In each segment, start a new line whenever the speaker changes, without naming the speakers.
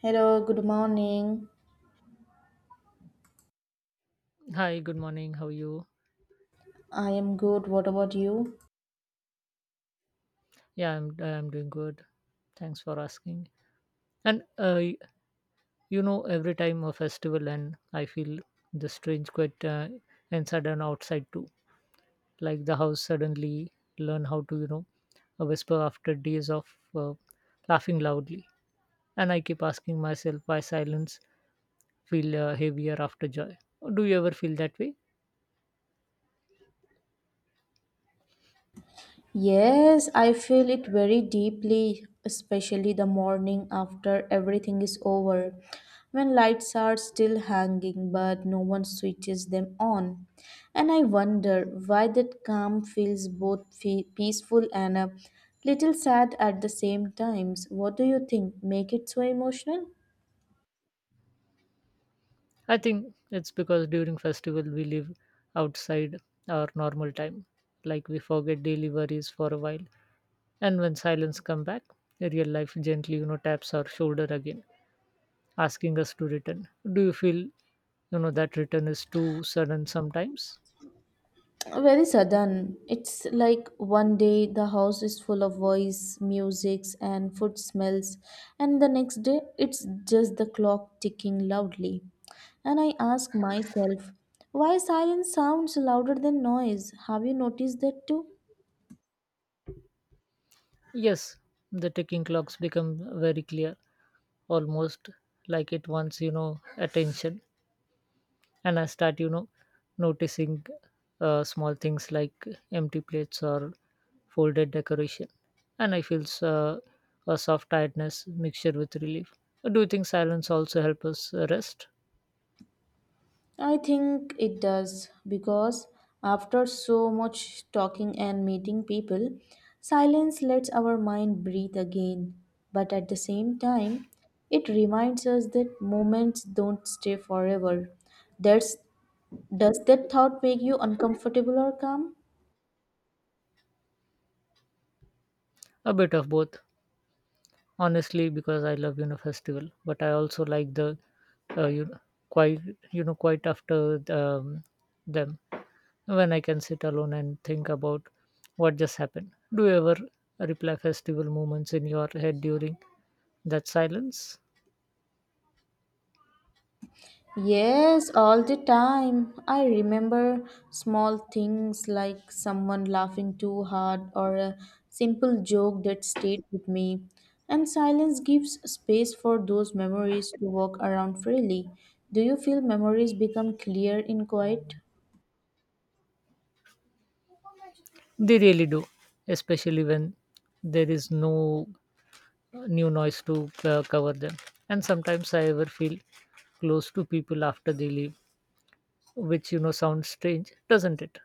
Hello, good morning.
Hi, good morning. How are you?
I am good. What about you?
Yeah, I'm doing good. Thanks for asking. And every time a festival and I feel the strange quiet and sudden outside too. Like the house suddenly learn how to a whisper after days of laughing loudly. And I keep asking myself why silence feel heavier after joy. Do you ever feel that way?
Yes, I feel it very deeply, especially the morning after everything is over, when lights are still hanging but no one switches them on. And I wonder why that calm feels both peaceful and a little sad at the same times. What do you think? Make it so emotional?
I think it's because during festival we live outside our normal time. Like we forget daily worries for a while. And when silence come back, real life gently taps our shoulder again, asking us to return. Do you feel that return is too sudden sometimes?
Very sudden. It's like one day the house is full of voice, musics, and food smells, and the next day it's just the clock ticking loudly. And I ask myself, why silence sounds louder than noise? Have you noticed that too?
Yes, the ticking clocks become very clear, almost like it wants attention. And I start noticing small things like empty plates or folded decoration. And I feel uh, a soft tiredness mixture with relief. Do you think silence also help us rest?
I think it does because after so much talking and meeting people, silence lets our mind breathe again. But at the same time, it reminds us that moments don't stay forever. That's, does that thought make you uncomfortable or calm?
A bit of both, honestly, because I love festival, but I also like the uh, you know quite quite after them, when I can sit alone and think about what just happened. Do you ever reply festival moments in your head during that silence?
Yes, all the time. I remember small things like someone laughing too hard or a simple joke that stayed with me. And silence gives space for those memories to walk around freely. Do you feel memories become clear in quiet?
They really do, especially when there is no new noise to cover them. And sometimes I ever feel close to people after they leave, which sounds strange, doesn't it?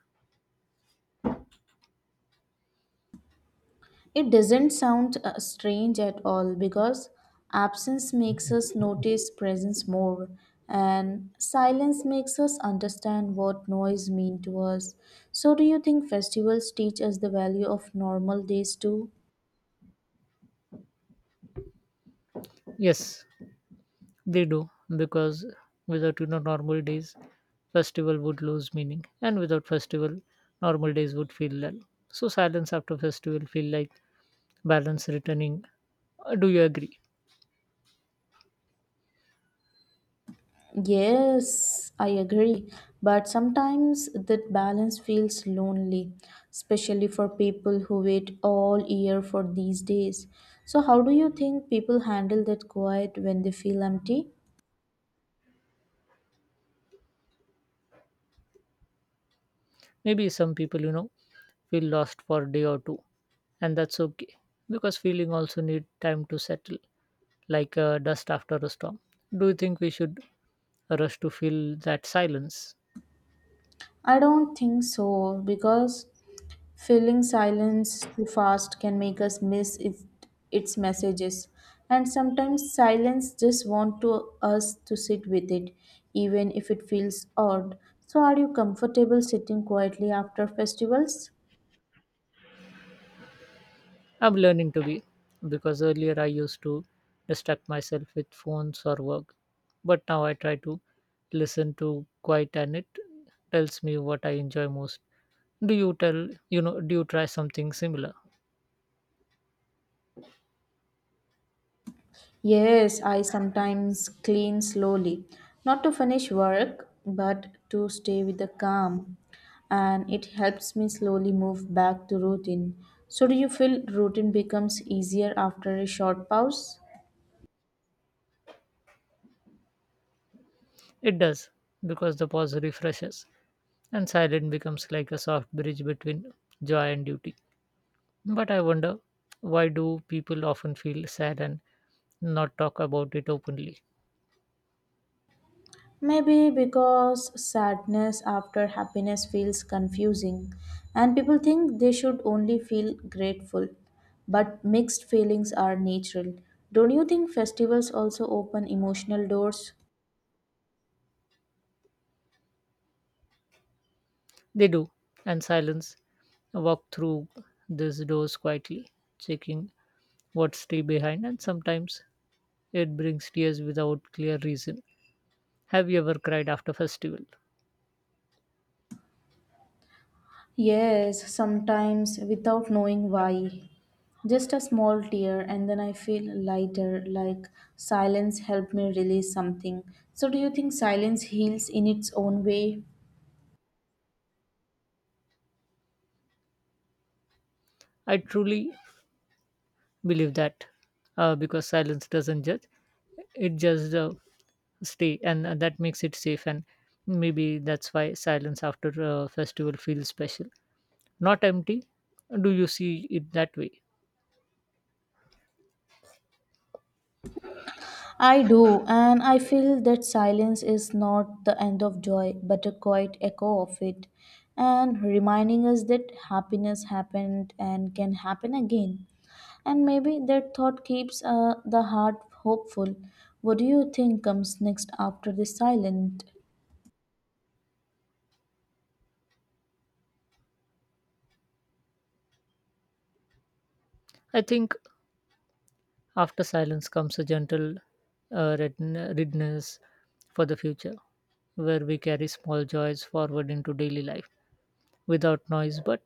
It doesn't sound strange at all because absence makes us notice presence more and silence makes us understand what noise mean to us. So do you think festivals teach us the value of normal days too?
Yes, they do, because without normal days festival would lose meaning, and without festival normal days would feel dull. So silence after festival feel like balance returning. Do you agree?
Yes, I agree. But sometimes that balance feels lonely, especially for people who wait all year for these days. So, how do you think people handle that quiet when they feel empty?
Maybe some people feel lost for a day or two, and that's okay because feeling also need time to settle, like dust after a storm. Do you think we should rush to fill that silence?
I don't think so because filling silence too fast can make us miss its messages. And sometimes silence just wants to us to sit with it, even if it feels odd. So, are you comfortable sitting quietly after festivals?
I'm learning to be, because earlier I used to distract myself with phones or work, but now I try to listen to quiet and it tells me what I enjoy most. Do you tell you know do you try something similar?
Yes, I sometimes clean slowly, not to finish work, but to stay with the calm, and it helps me slowly move back to routine. So, do you feel routine becomes easier after a short pause?
It does because the pause refreshes and silence becomes like a soft bridge between joy and duty. But I wonder, why do people often feel sad and not talk about it openly?
Maybe because sadness after happiness feels confusing, and people think they should only feel grateful, but mixed feelings are natural. Don't you think festivals also open emotional doors?
They do, and silence walk through these doors quietly, checking what's still behind, and sometimes it brings tears without clear reason. Have you ever cried after festival?
Yes, sometimes without knowing why. Just a small tear, and then I feel lighter, like silence helped me release something. So, do you think silence heals in its own way?
I truly believe that, because silence doesn't judge; it just stay, and that makes it safe. And maybe that's why silence after a festival feels special, not empty. Do you see it that way?
I do, and I feel that silence is not the end of joy, but a quiet echo of it, and reminding us that happiness happened and can happen again. And maybe that thought keeps the heart hopeful. What do you think comes next after the silent?
I think after silence comes a gentle readiness for the future, where we carry small joys forward into daily life without noise but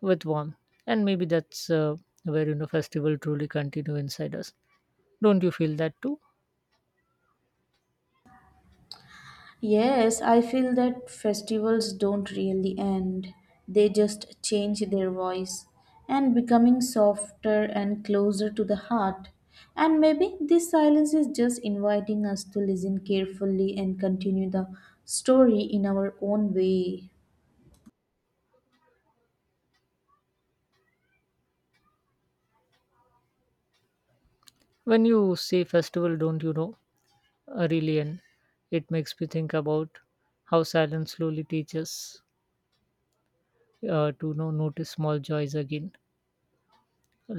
with warmth. And maybe that's where festival truly continue inside us. Don't you feel that too?
Yes, I feel that festivals don't really end. They just change their voice and becoming softer and closer to the heart. And maybe this silence is just inviting us to listen carefully and continue the story in our own way.
When you say festival don't, you know, Aurelian. It makes me think about how silence slowly teaches to know notice small joys again,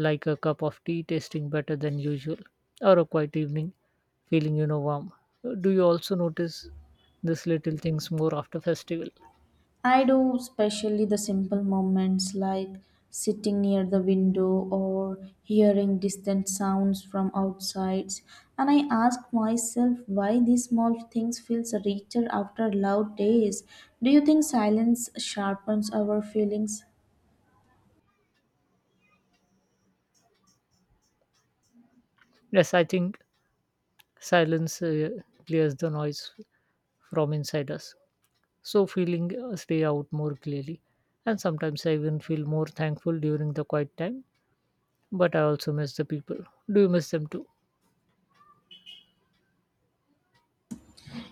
like a cup of tea tasting better than usual, or a quiet evening feeling warm. Do you also notice these little things more after festival?
I do, especially the simple moments like sitting near the window or hearing distant sounds from outside. And I ask myself why these small things feels richer after loud days. Do you think silence sharpens our feelings?
Yes, I think silence clears the noise from inside us, so feeling stay out more clearly. And sometimes I even feel more thankful during the quiet time, but I also miss the people. Do you miss them too?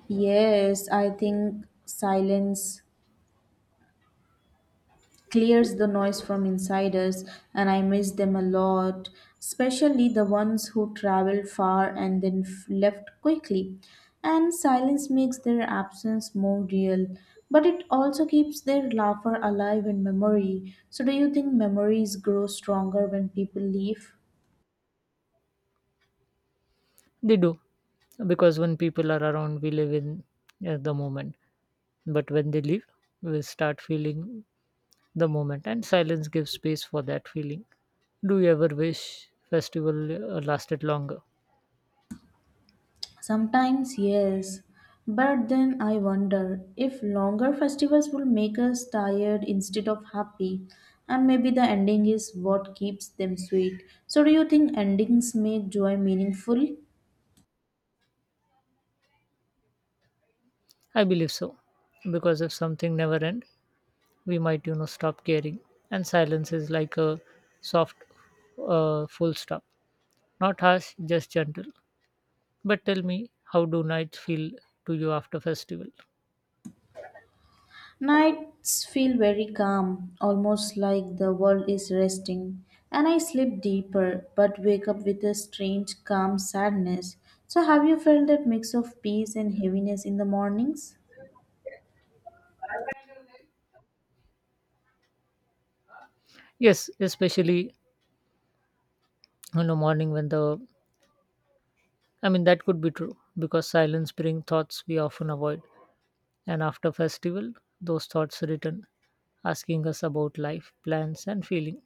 Yes, I think silence clears the noise from inside us, and I miss them a lot especially the ones who traveled far and then left quickly and silence makes their absence more real but it also keeps their laughter alive in memory so do you think memories grow stronger when people leave
They do, because when people are around, we live in the moment. But when they leave, we start feeling the moment, and silence gives space for that feeling. Do you ever wish festival lasted longer?
Sometimes, yes. But then I wonder if longer festivals will make us tired instead of happy. And maybe the ending is what keeps them sweet. So, do you think endings make joy meaningful?
I believe so, because if something never end, we might stop caring, and silence is like a soft full stop, not harsh, just gentle. But tell me, how do nights feel to you after festival?
Nights feel very calm, almost like the world is resting. And I sleep deeper, but wake up with a strange, calm sadness. So, have you felt that mix of peace and heaviness in the mornings?
Yes, especially morning when the I mean that could be true because silence brings thoughts we often avoid, and after festival those thoughts return asking us about life plans and feeling.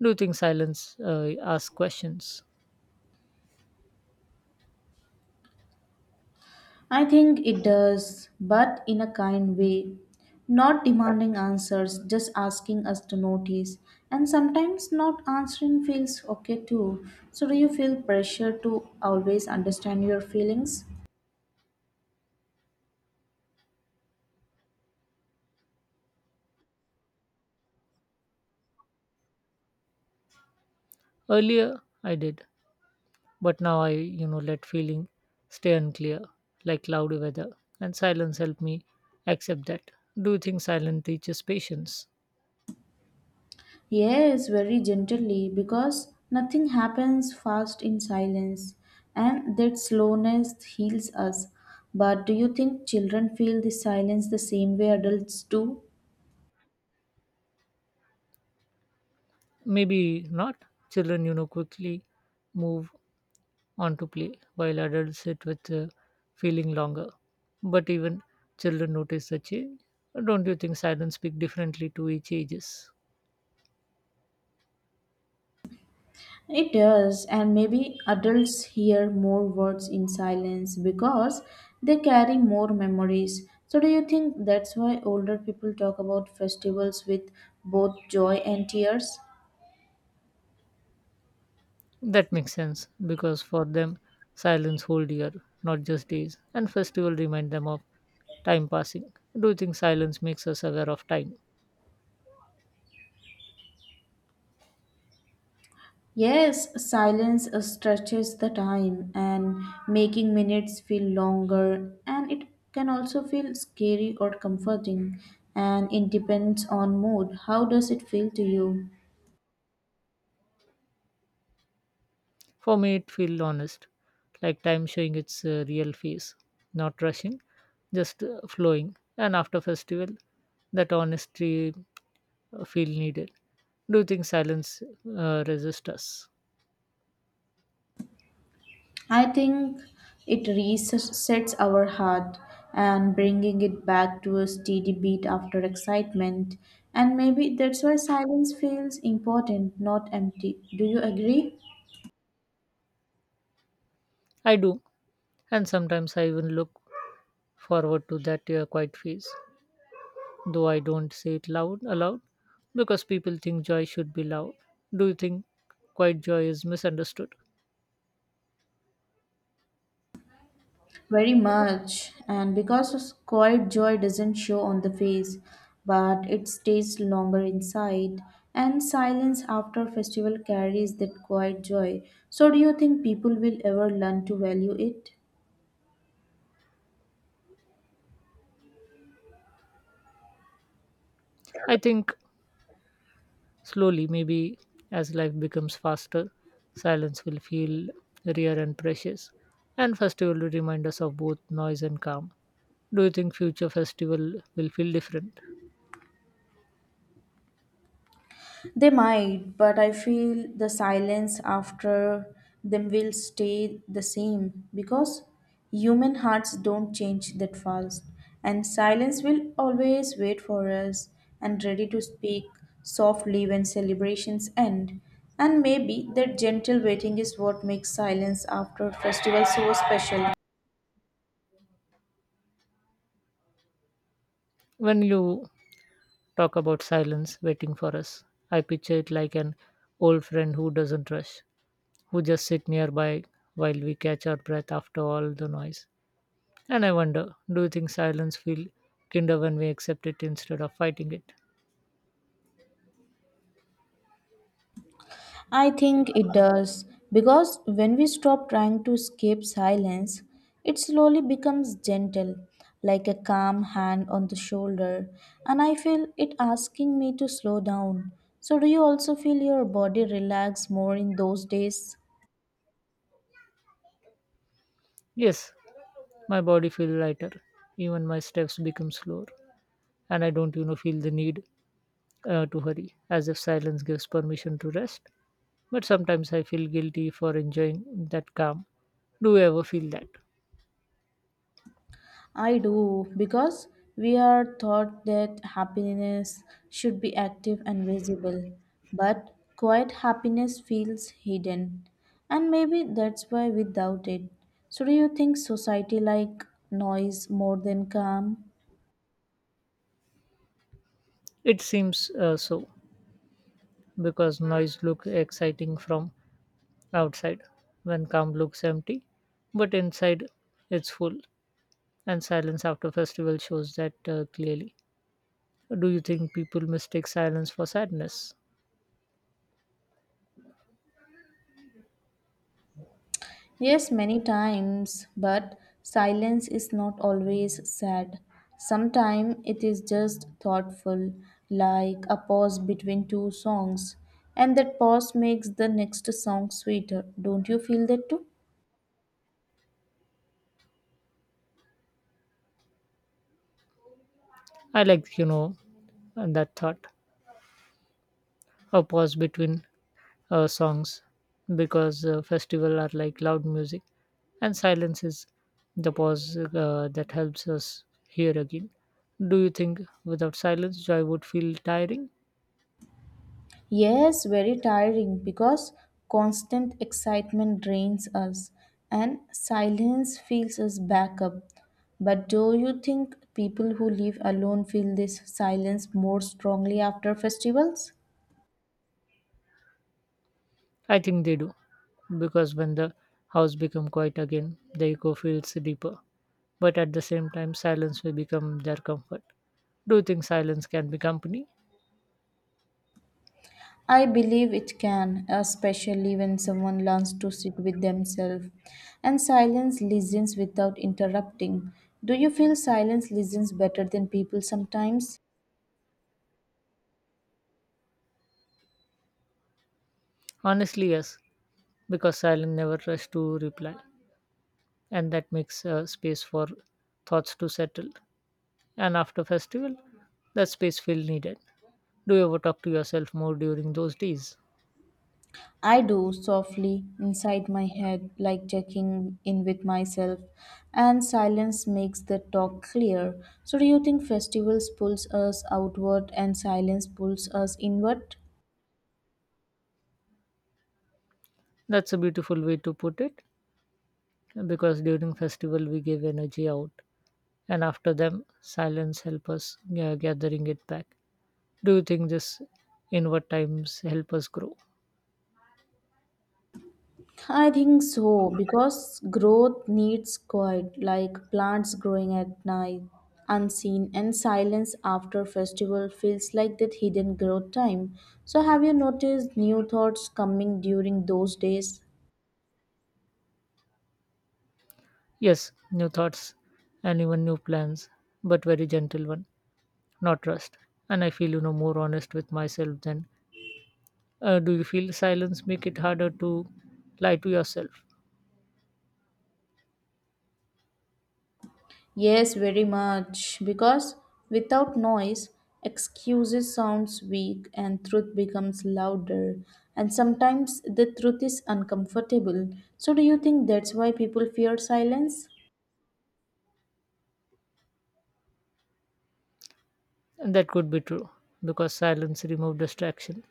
Do you think silence ask questions?
I think it does, but in a kind way. Not demanding answers, just asking us to notice. And sometimes not answering feels okay too. So, do you feel pressure to always understand your feelings?
Earlier I did, but now I let feeling stay unclear like cloudy weather, and silence help me accept that. Do you think silence teaches patience?
Yes, very gently, because nothing happens fast in silence, and that slowness heals us. But do you think children feel the silence the same way adults do?
Maybe not. Children quickly move onto play, while adults sit with feeling longer. But even children notice the change. Don't you think silence speak differently to each ages?
It does, and maybe adults hear more words in silence because they carry more memories. So, do you think that's why older people talk about festivals with both joy and tears?
That makes sense because for them, silence whole year, not just days, and festival remind them of time passing. Do you think silence makes us aware of time?
Yes, silence stretches the time and making minutes feel longer, and it can also feel scary or comforting, and it depends on mood. How does it feel to you?
For me, it feels honest, like time showing its real face, not rushing, just flowing. And after festival, that honesty feel needed. Do you think silence resists us?
I think it resets our heart and bringing it back to a steady beat after excitement. And maybe that's why silence feels important, not empty. Do you agree?
I do, and sometimes I even look forward to that quiet phase, though I don't say it loud aloud because people think joy should be loud. Do you think quiet joy is misunderstood?
Very much. And because quiet joy doesn't show on the face, but it stays longer inside. And silence after festival carries that quiet joy. So do you think people will ever learn to value it?
I think slowly, maybe as life becomes faster, silence will feel rare and precious, and festival will remind us of both noise and calm. Do you think future festival will feel different?
They might, but I feel the silence after them will stay the same because human hearts don't change that fast, and silence will always wait for us and ready to speak softly when celebrations end. And maybe that gentle waiting is what makes silence after festival so special.
When you talk about silence waiting for us, I picture it like an old friend who doesn't rush, who just sit nearby while we catch our breath after all the noise. And I wonder, do you think silence feel kinder when we accept it instead of fighting it?
I think it does, because when we stop trying to escape silence, it slowly becomes gentle, like a calm hand on the shoulder, and I feel it asking me to slow down. So, do you also feel your body relax more in those days?
Yes, my body feels lighter. Even my steps become slower, and I don't feel the need to hurry, as if silence gives permission to rest. But sometimes I feel guilty for enjoying that calm. Do you ever feel that?
I do, because we are taught that happiness should be active and visible, but quiet happiness feels hidden, and maybe that's why we doubt it. So, do you think society like noise more than calm?
It seems so. Because noise looks exciting from outside when calm looks empty, but inside it's full, and silence after festival shows that clearly. Do you think people mistake silence for sadness?
Yes, many times, but silence is not always sad. Sometimes it is just thoughtful, like a pause between two songs, and that pause makes the next song sweeter. Don't you feel that too?
I like that thought, a pause between songs, because festival are like loud music and silence is the pause that helps us hear again. Do you think without silence joy would feel tiring?
Yes, very tiring because constant excitement drains us and silence fills us back up. But do you think people who live alone feel this silence more strongly after festivals?
I think they do, because when the house become quiet again, the echo feels deeper. But at the same time, silence will become their comfort. Do you think silence can be company?
I believe it can, especially when someone learns to sit with themselves and silence listens without interrupting. Do you feel silence listens better than people sometimes?
Honestly, yes, because silence never rush to reply, and that makes space for thoughts to settle. And after festival, that space feel needed. Do you ever talk to yourself more during those days?
I do softly inside my head, like checking in with myself, and silence makes the talk clear. So, do you think festivals pulls us outward and silence pulls us inward?
That's a beautiful way to put it, because during festival we give energy out, and after them silence help us gathering it back. Do you think this inward times help us grow?
I think so because growth needs quiet, like plants growing at night, unseen, and silence after festival feels like that hidden growth time. So, have you noticed new thoughts coming during those days?
Yes, new thoughts and even new plans, but very gentle one, not rushed. And I feel more honest with myself then. Do you feel silence make it harder to lie to yourself?
Yes, very much because without noise, excuses sounds weak and truth becomes louder and sometimes the truth is uncomfortable so do you think that's why people fear silence
And that could be true because silence remove distraction,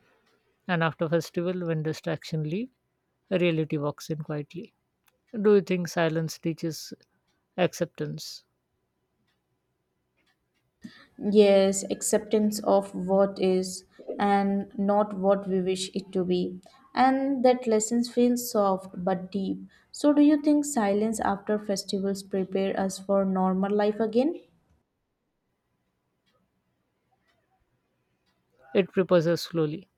and after festival when distraction leave reality walks in quietly. Do you think silence teaches acceptance?
Yes, acceptance of what is and not what we wish it to be. And that lessons feel soft but deep. So, do you think silence after festivals prepare us for normal life again?
It prepares slowly,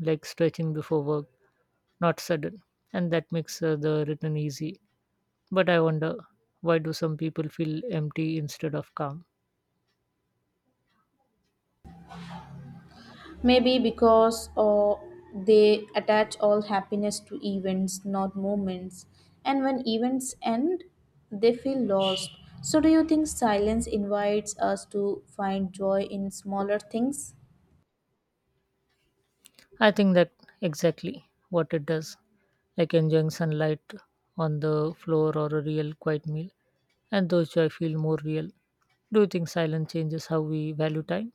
like stretching before work, not sudden, and that makes the return easy. But I wonder, why do some people feel empty instead of calm?
Maybe because they attach all happiness to events, not moments. And when events end, they feel lost. So, do you think silence invites us to find joy in smaller things?
I think that exactly what it does, like enjoying sunlight on the floor or a real quiet meal, and those joy feel more real. Do you think silence changes how we value time?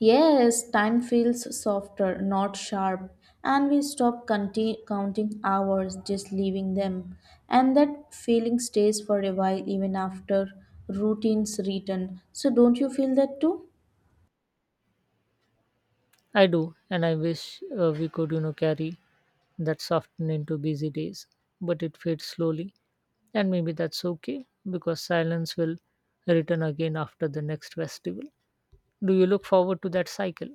Yes, time feels softer, not sharp, and we stop counting hours, just leaving them. And that feeling stays for a while even after routines return. So, don't you feel that too?
I do, and I wish we could carry that soften into busy days, but it fades slowly. And maybe that's okay because silence will return again after the next festival. Do you look forward to that cycle?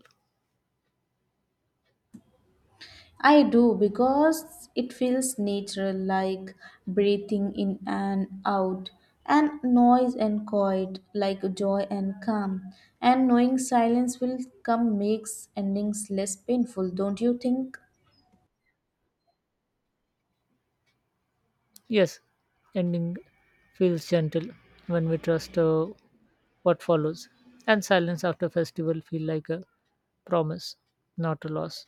I do because it feels natural, like breathing in and out, and noise and quiet, like joy and calm. And knowing silence will come makes endings less painful, don't you think?
Yes, ending feels gentle when we trust what follows. And silence after festival feel like a promise, not a loss.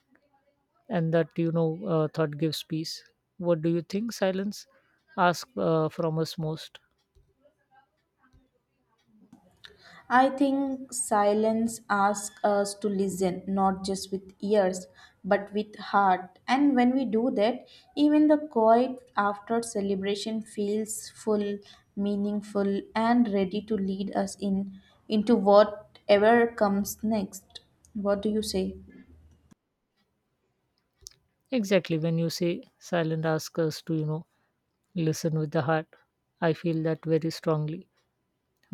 And that thought gives peace. What do you think silence asks from us most?
I think silence asks us to listen, not just with ears, but with heart. And when we do that, even the quiet after celebration feels full, meaningful, and ready to lead us in into whatever comes next. What do you say?
Exactly. When you say silent ask us to listen with the heart, I feel that very strongly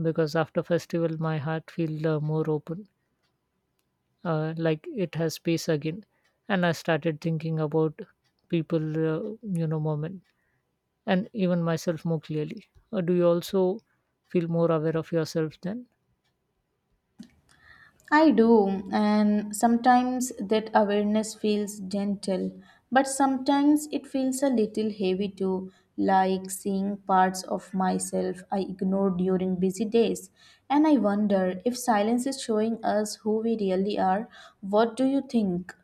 because after festival, my heart feel more open, like it has space again. And I started thinking about people, moment and even myself more clearly. Do you also feel more aware of yourself then?
I do, and sometimes that awareness feels gentle, but sometimes it feels a little heavy too, like seeing parts of myself I ignored during busy days. And I wonder if silence is showing us who we really are. What do you think?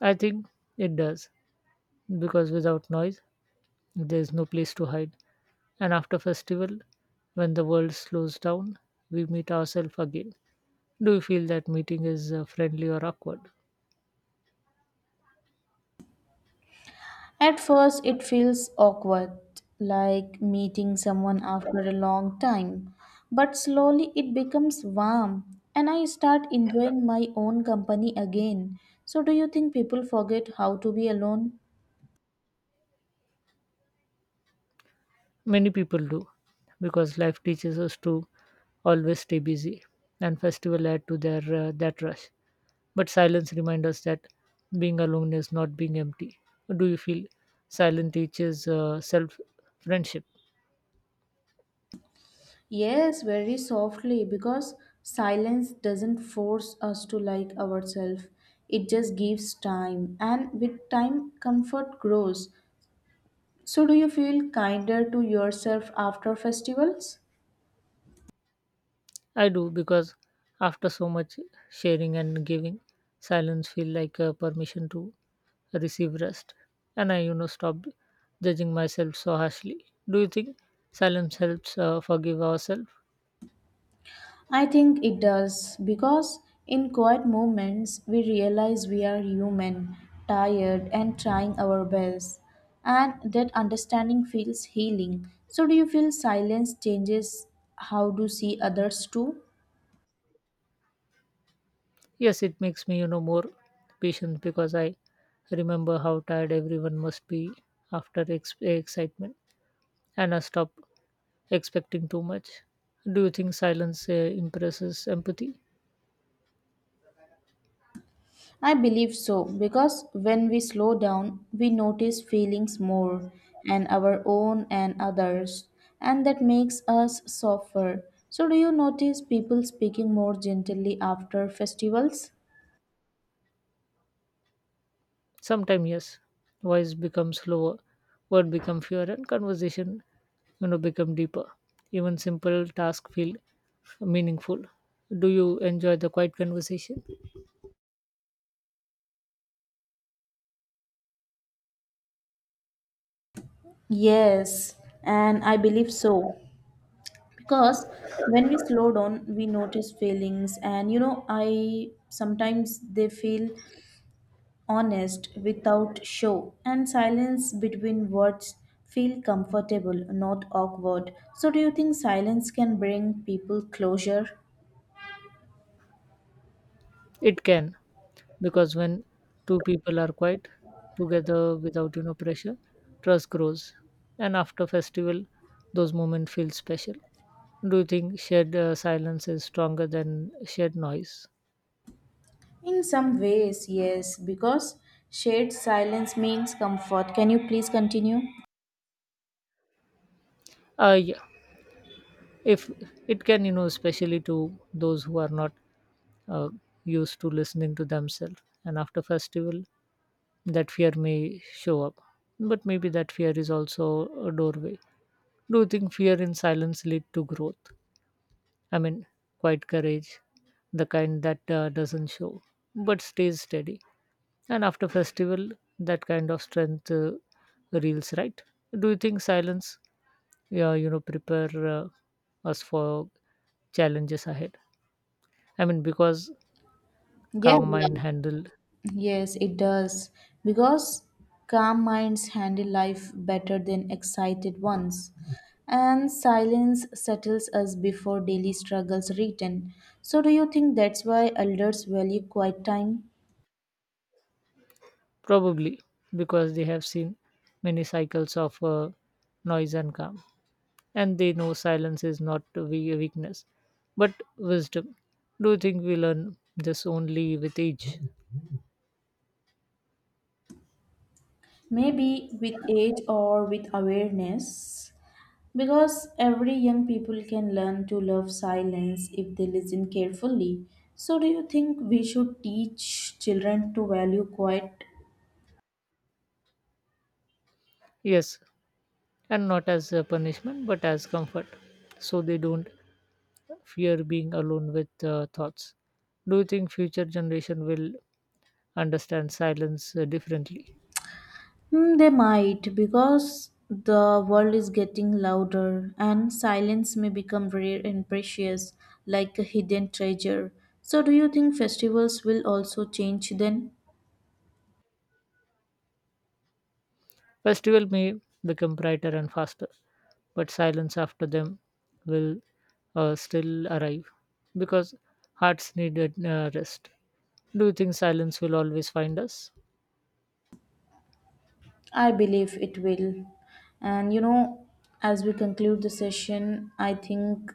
I think it does because without noise, there is no place to hide. And after festival, when the world slows down, we meet ourselves again. Do you feel that meeting is friendly or awkward?
At first, it feels awkward, like meeting someone after a long time. But slowly it becomes warm, and I start enjoying my own company again. So, do you think people forget how to be alone?
Many people do, because life teaches us to always stay busy, and festival add to their that rush. But silence reminds us that being alone is not being empty. Do you feel silence teaches self friendship?
Yes, very softly, because silence doesn't force us to like ourselves. It just gives time, and with time, comfort grows. So, do you feel kinder to yourself after festivals?
I do because after so much sharing and giving, silence feel like a permission to receive rest. And I stopped judging myself so harshly. Do you think silence helps forgive ourselves?
I think it does because in quiet moments we realize we are human, tired, and trying our best, and that understanding feels healing. So, do you feel silence changes how to see others too?
Yes, it makes me more patient because I remember how tired everyone must be after excitement, and I stop expecting too much. Do you think silence impresses empathy?
I believe so because when we slow down, we notice feelings more and our own and others, and that makes us softer. So, do you notice people speaking more gently after festivals?
Sometimes yes, voice becomes slower, word become fewer, and conversation become deeper. Even simple tasks feel meaningful. Do you enjoy the quiet conversation?
Yes, and I believe so. Because when we slow down, we notice feelings, and you know, I sometimes they feel honest without show, and silence between words feel comfortable, not awkward. So, do you think silence can bring people closure?
It can because when two people are quiet together without pressure, trust grows, and after festival, those moments feel special. Do you think shared silence is stronger than shared noise?
In some ways, yes, because shared silence means comfort. Can you please continue?
Yeah, if it can, especially to those who are not uh, used to listening to themselves, and after festival that fear may show up, but maybe that fear is also a doorway. Do you think fear in silence lead to growth? I mean, quiet courage, the kind that doesn't show but stays steady. And after festival, that kind of strength reels right. Do you think silence prepare us for challenges ahead? I mean, because
Yeah,
calm mind
yeah.
handle.
Yes, it does. Because calm minds handle life better than excited ones. And silence settles us before daily struggles return. So, do you think that's why elders value quiet time?
Probably because they have seen many cycles of noise and calm, and they know silence is not a weakness but wisdom. Do you think we learn this only with age?
Maybe with age or with awareness. Because every young people can learn to love silence if they listen carefully. So, do you think we should teach children to value quiet
Yes, and not as a punishment but as comfort, so they don't fear being alone with thoughts. Do you think future generation will understand silence differently?
Hmm, they might, because the world is getting louder and silence may become rare and precious, like a hidden treasure. So, do you think festivals will also change then?
Festival may become brighter and faster, but silence after them will still arrive because hearts needed rest. Do you think silence will always find us?
I believe it will. And you know, as we conclude the session, I think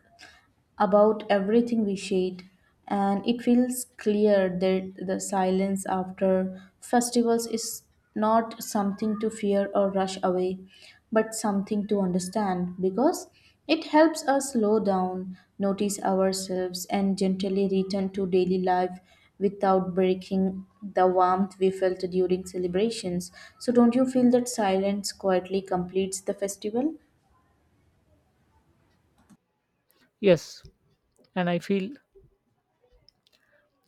about everything we shared, and it feels clear that the silence after festivals is not something to fear or rush away, but something to understand because it helps us slow down, notice ourselves, and gently return to daily life without breaking the warmth we felt during celebrations. So, don't you feel that silence quietly completes the festival?
Yes, and I feel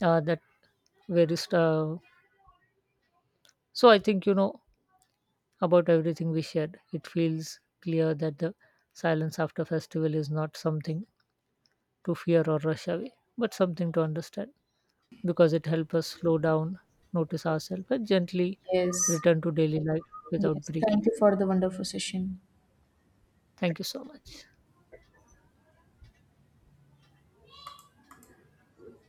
that very. So I think about everything we shared. It feels clear that the silence after festival is not something to fear or rush away, but something to understand. Because it helps us slow down, notice ourselves, and gently
Yes.
return to daily life without
Yes. Thank
breaking.
you for the wonderful session.
Thank you so much.